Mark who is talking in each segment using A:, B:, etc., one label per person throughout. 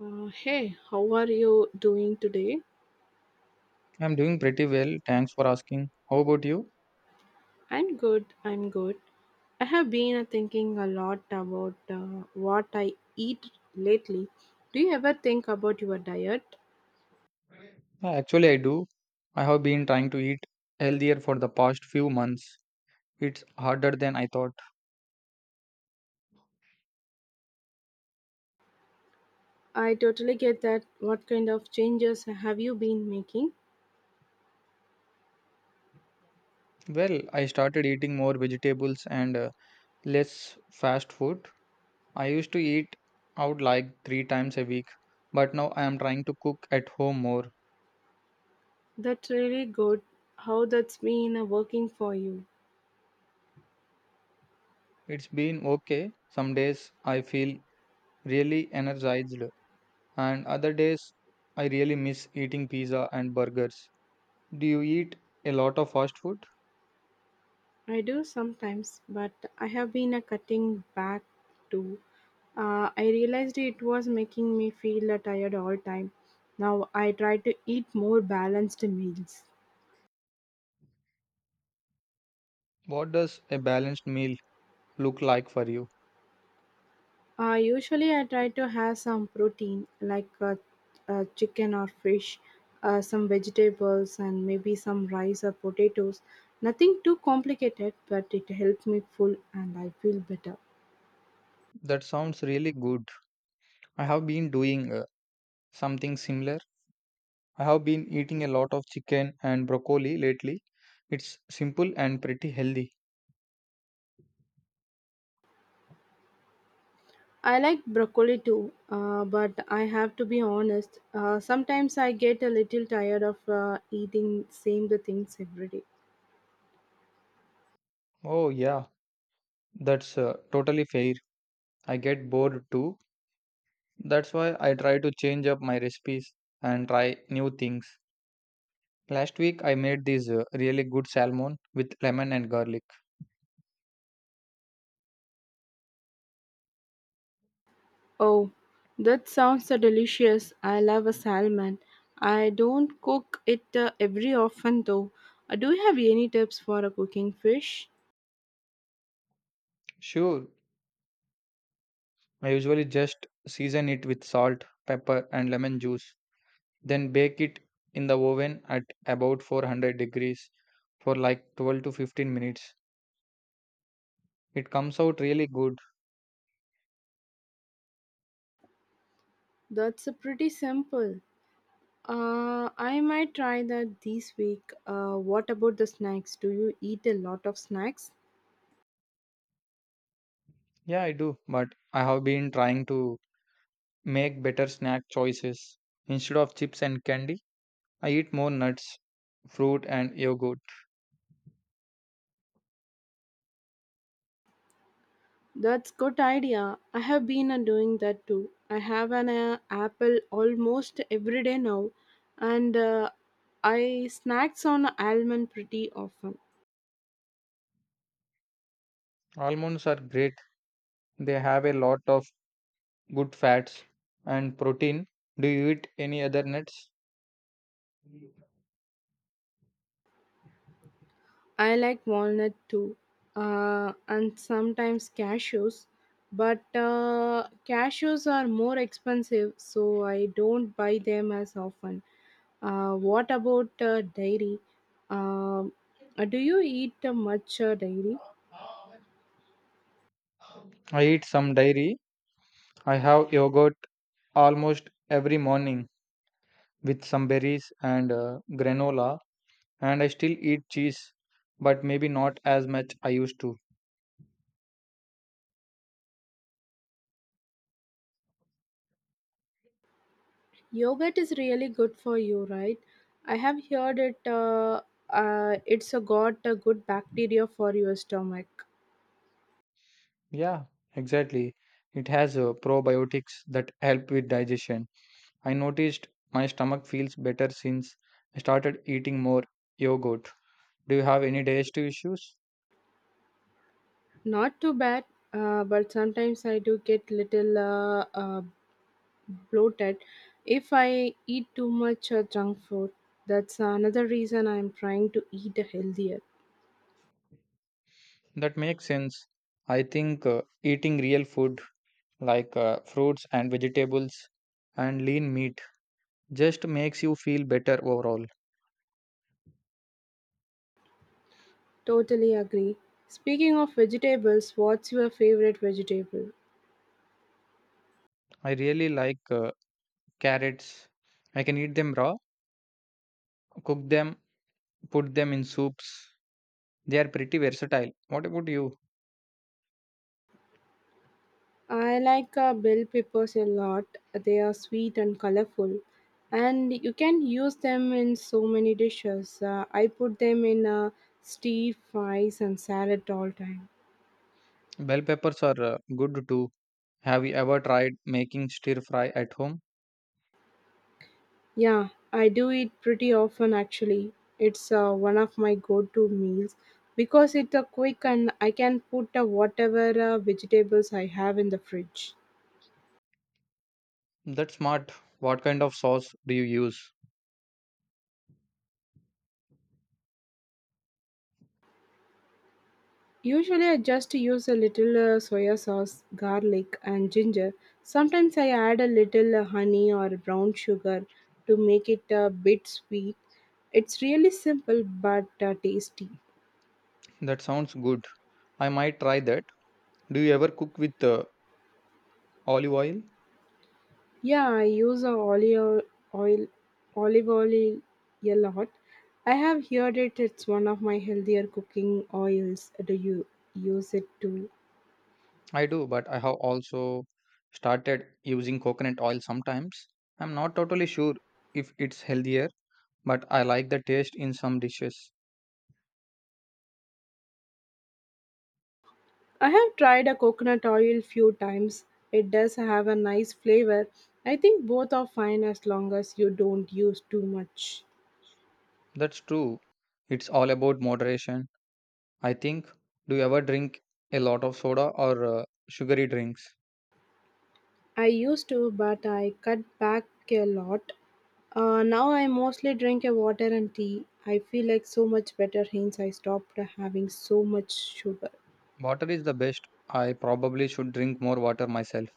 A: Hey, how are you doing today?
B: I'm doing pretty well. Thanks for asking. How about you?
A: I'm good, I'm good. I have been thinking a lot about what I eat lately. Do you ever think about your diet?
B: Actually, I do. I have been trying to eat healthier for the past few months. It's harder than I thought.
A: I totally get that. What kind of changes have you been making?
B: Well, I started eating more vegetables and less fast food. I used to eat out like three times a week, but now I am trying to cook at home more.
A: That's really good. How that's been working for you?
B: It's been okay. Some days I feel really energized, and other days I really miss eating pizza and burgers. Do you eat a lot of fast food?
A: I do sometimes, but I have been a cutting back too. I realized it was making me feel tired all time. Now I try to eat more balanced meals.
B: What does a balanced meal look like for you?
A: Usually I try to have some protein like chicken or fish, some vegetables and maybe some rice or potatoes. Nothing too complicated, but it helps me full and I feel better.
B: That sounds really good. I have been doing something similar. I have been eating a lot of chicken and broccoli lately. It's simple and pretty healthy.
A: I like broccoli too, but I have to be honest. Sometimes I get a little tired of eating same the things every day.
B: Oh, yeah, that's totally fair. I get bored too. That's why I try to change up my recipes and try new things. Last week I made this really good salmon with lemon and garlic.
A: Oh, that sounds so delicious. I love a salmon. I don't cook it every often though. Do you have any tips for cooking fish?
B: Sure, I usually just season it with salt, pepper, and lemon juice. Then bake it in the oven at about 400 degrees for like 12 to 15 minutes. It comes out really good.
A: That's pretty simple. I might try that this week. What about the snacks? Do you eat a lot of snacks?
B: Yeah, I do, but I have been trying to make better snack choices. Instead of chips and candy, I eat more nuts, fruit, and yogurt.
A: That's good idea. I have been doing that too. I have an apple almost every day now, and I snacks on almond pretty often.
B: Almonds are great. They have a lot of good fats and protein. Do you eat any other nuts?
A: I like walnut too, and sometimes cashews. But cashews are more expensive, so I don't buy them as often. What about dairy? Um, do you eat much dairy?
B: I eat some dairy. I have yogurt almost every morning, with some berries and granola, and I still eat cheese, but maybe not as much I used to.
A: Yogurt is really good for you, right? I have heard it. It's a got a good bacteria for your stomach.
B: Yeah, exactly, it has probiotics that help with digestion. I noticed my stomach feels better since I started eating more yogurt. Do you have any digestive issues?
A: Not too bad, but sometimes I do get little bloated if I eat too much junk food. That's another reason I'm trying to eat healthier.
B: That makes sense. I think eating real food like fruits and vegetables and lean meat just makes you feel better overall.
A: Totally agree. Speaking of vegetables, what's your favorite vegetable?
B: I really like carrots. I can eat them raw, cook them, put them in soups. They are pretty versatile. What about you?
A: I like bell peppers a lot. They are sweet and colorful, and you can use them in so many dishes. I put them in stew, fries, and salad all time.
B: Bell peppers are good too. Have you ever tried making stir fry at home?
A: Yeah, I do it pretty often actually. It's one of my go-to meals because it's quick and I can put whatever vegetables I have in the fridge.
B: That's smart. What kind of sauce do you use?
A: Usually, I just use a little soya sauce, garlic, and ginger. Sometimes I add a little honey or brown sugar to make it a bit sweet. It's really simple but tasty.
B: That sounds good. I might try that. Do you ever cook with olive oil?
A: Yeah, I use a oil, olive oil a lot. I have heard it. It's one of my healthier cooking oils. Do you use it too?
B: I do, but I have also started using coconut oil sometimes. I'm not totally sure if it's healthier, but I like the taste in some dishes.
A: I have tried a coconut oil few times. It does have a nice flavor. I think both are fine as long as you don't use too much.
B: That's true. It's all about moderation, I think. Do you ever drink a lot of soda or sugary drinks?
A: I used to, but I cut back a lot. Now I mostly drink a water and tea. I feel like so much better since I stopped having so much sugar.
B: Water is the best. I probably should drink more water myself.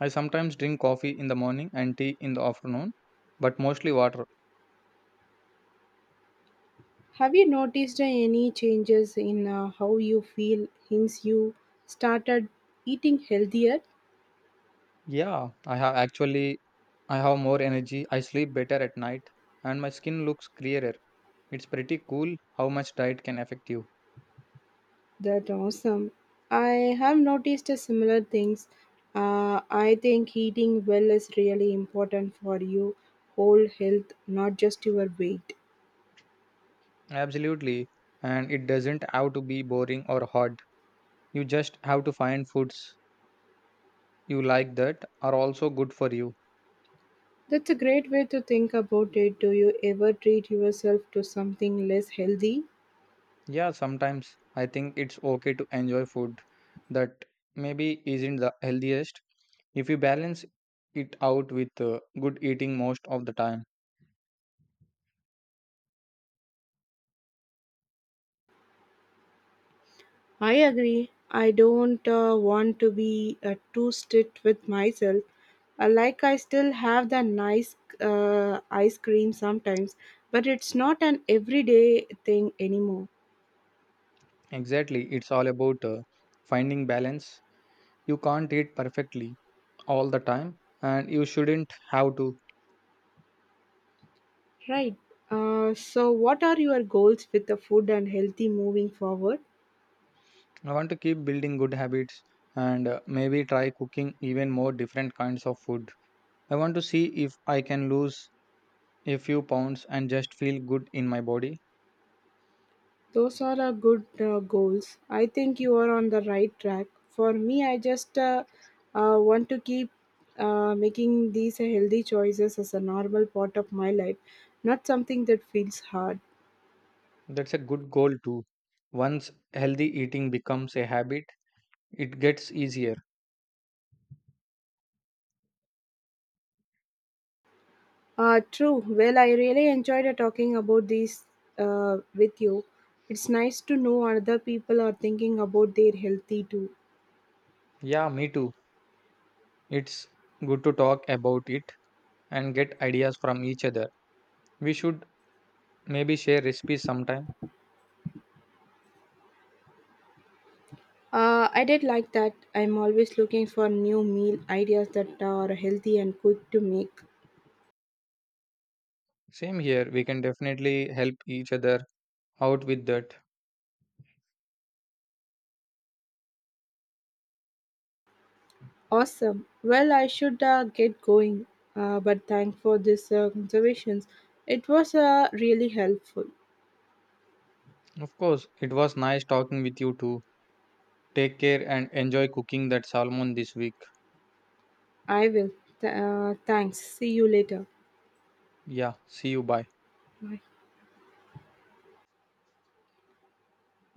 B: I sometimes drink coffee in the morning and tea in the afternoon, but mostly water.
A: Have you noticed any changes in how you feel since you started eating healthier?
B: Yeah, I have, actually. I have more energy, I sleep better at night, and my skin looks clearer. It's pretty cool how much diet can affect you.
A: That awesome. I have noticed a similar things. I think eating well is really important for you whole health, not just your weight.
B: Absolutely. And it doesn't have to be boring or hard. You just have to find foods you like that are also good for you.
A: That's a great way to think about it. Do you ever treat yourself to something less healthy?
B: Yeah, sometimes. I think it's okay to enjoy food that maybe isn't the healthiest if you balance it out with good eating most of the time.
A: I agree. I don't want to be too strict with myself. Like I still have the nice ice cream sometimes, but it's not an everyday thing anymore.
B: Exactly, it's all about finding balance. You can't eat perfectly all the time, and you shouldn't have to.
A: So, what are your goals with the food and healthy moving forward?
B: I want to keep building good habits and maybe try cooking even more different kinds of food. I want to see if I can lose a few pounds and just feel good in my body.
A: Those are a good goals. I think you are on the right track. For me, I just want to keep making these healthy choices as a normal part of my life, not something that feels hard.
B: That's a good goal too. Once healthy eating becomes a habit, it gets easier.
A: True. Well, I really enjoyed talking about these with you. It's nice to know other people are thinking about their healthy too.
B: Yeah, me too. It's good to talk about it and get ideas from each other. We should maybe share recipes sometime.
A: I did like that. I'm always looking for new meal ideas that are healthy and quick to make.
B: Same here, we can definitely help each other out with that.
A: Awesome. Well, I should get going, but thank for this conservations. It was really helpful.
B: Of course, it was nice talking with you too. Take care and enjoy cooking that salmon this week.
A: I will. Thanks. See you later.
B: Yeah, see you. Bye.
A: Bye.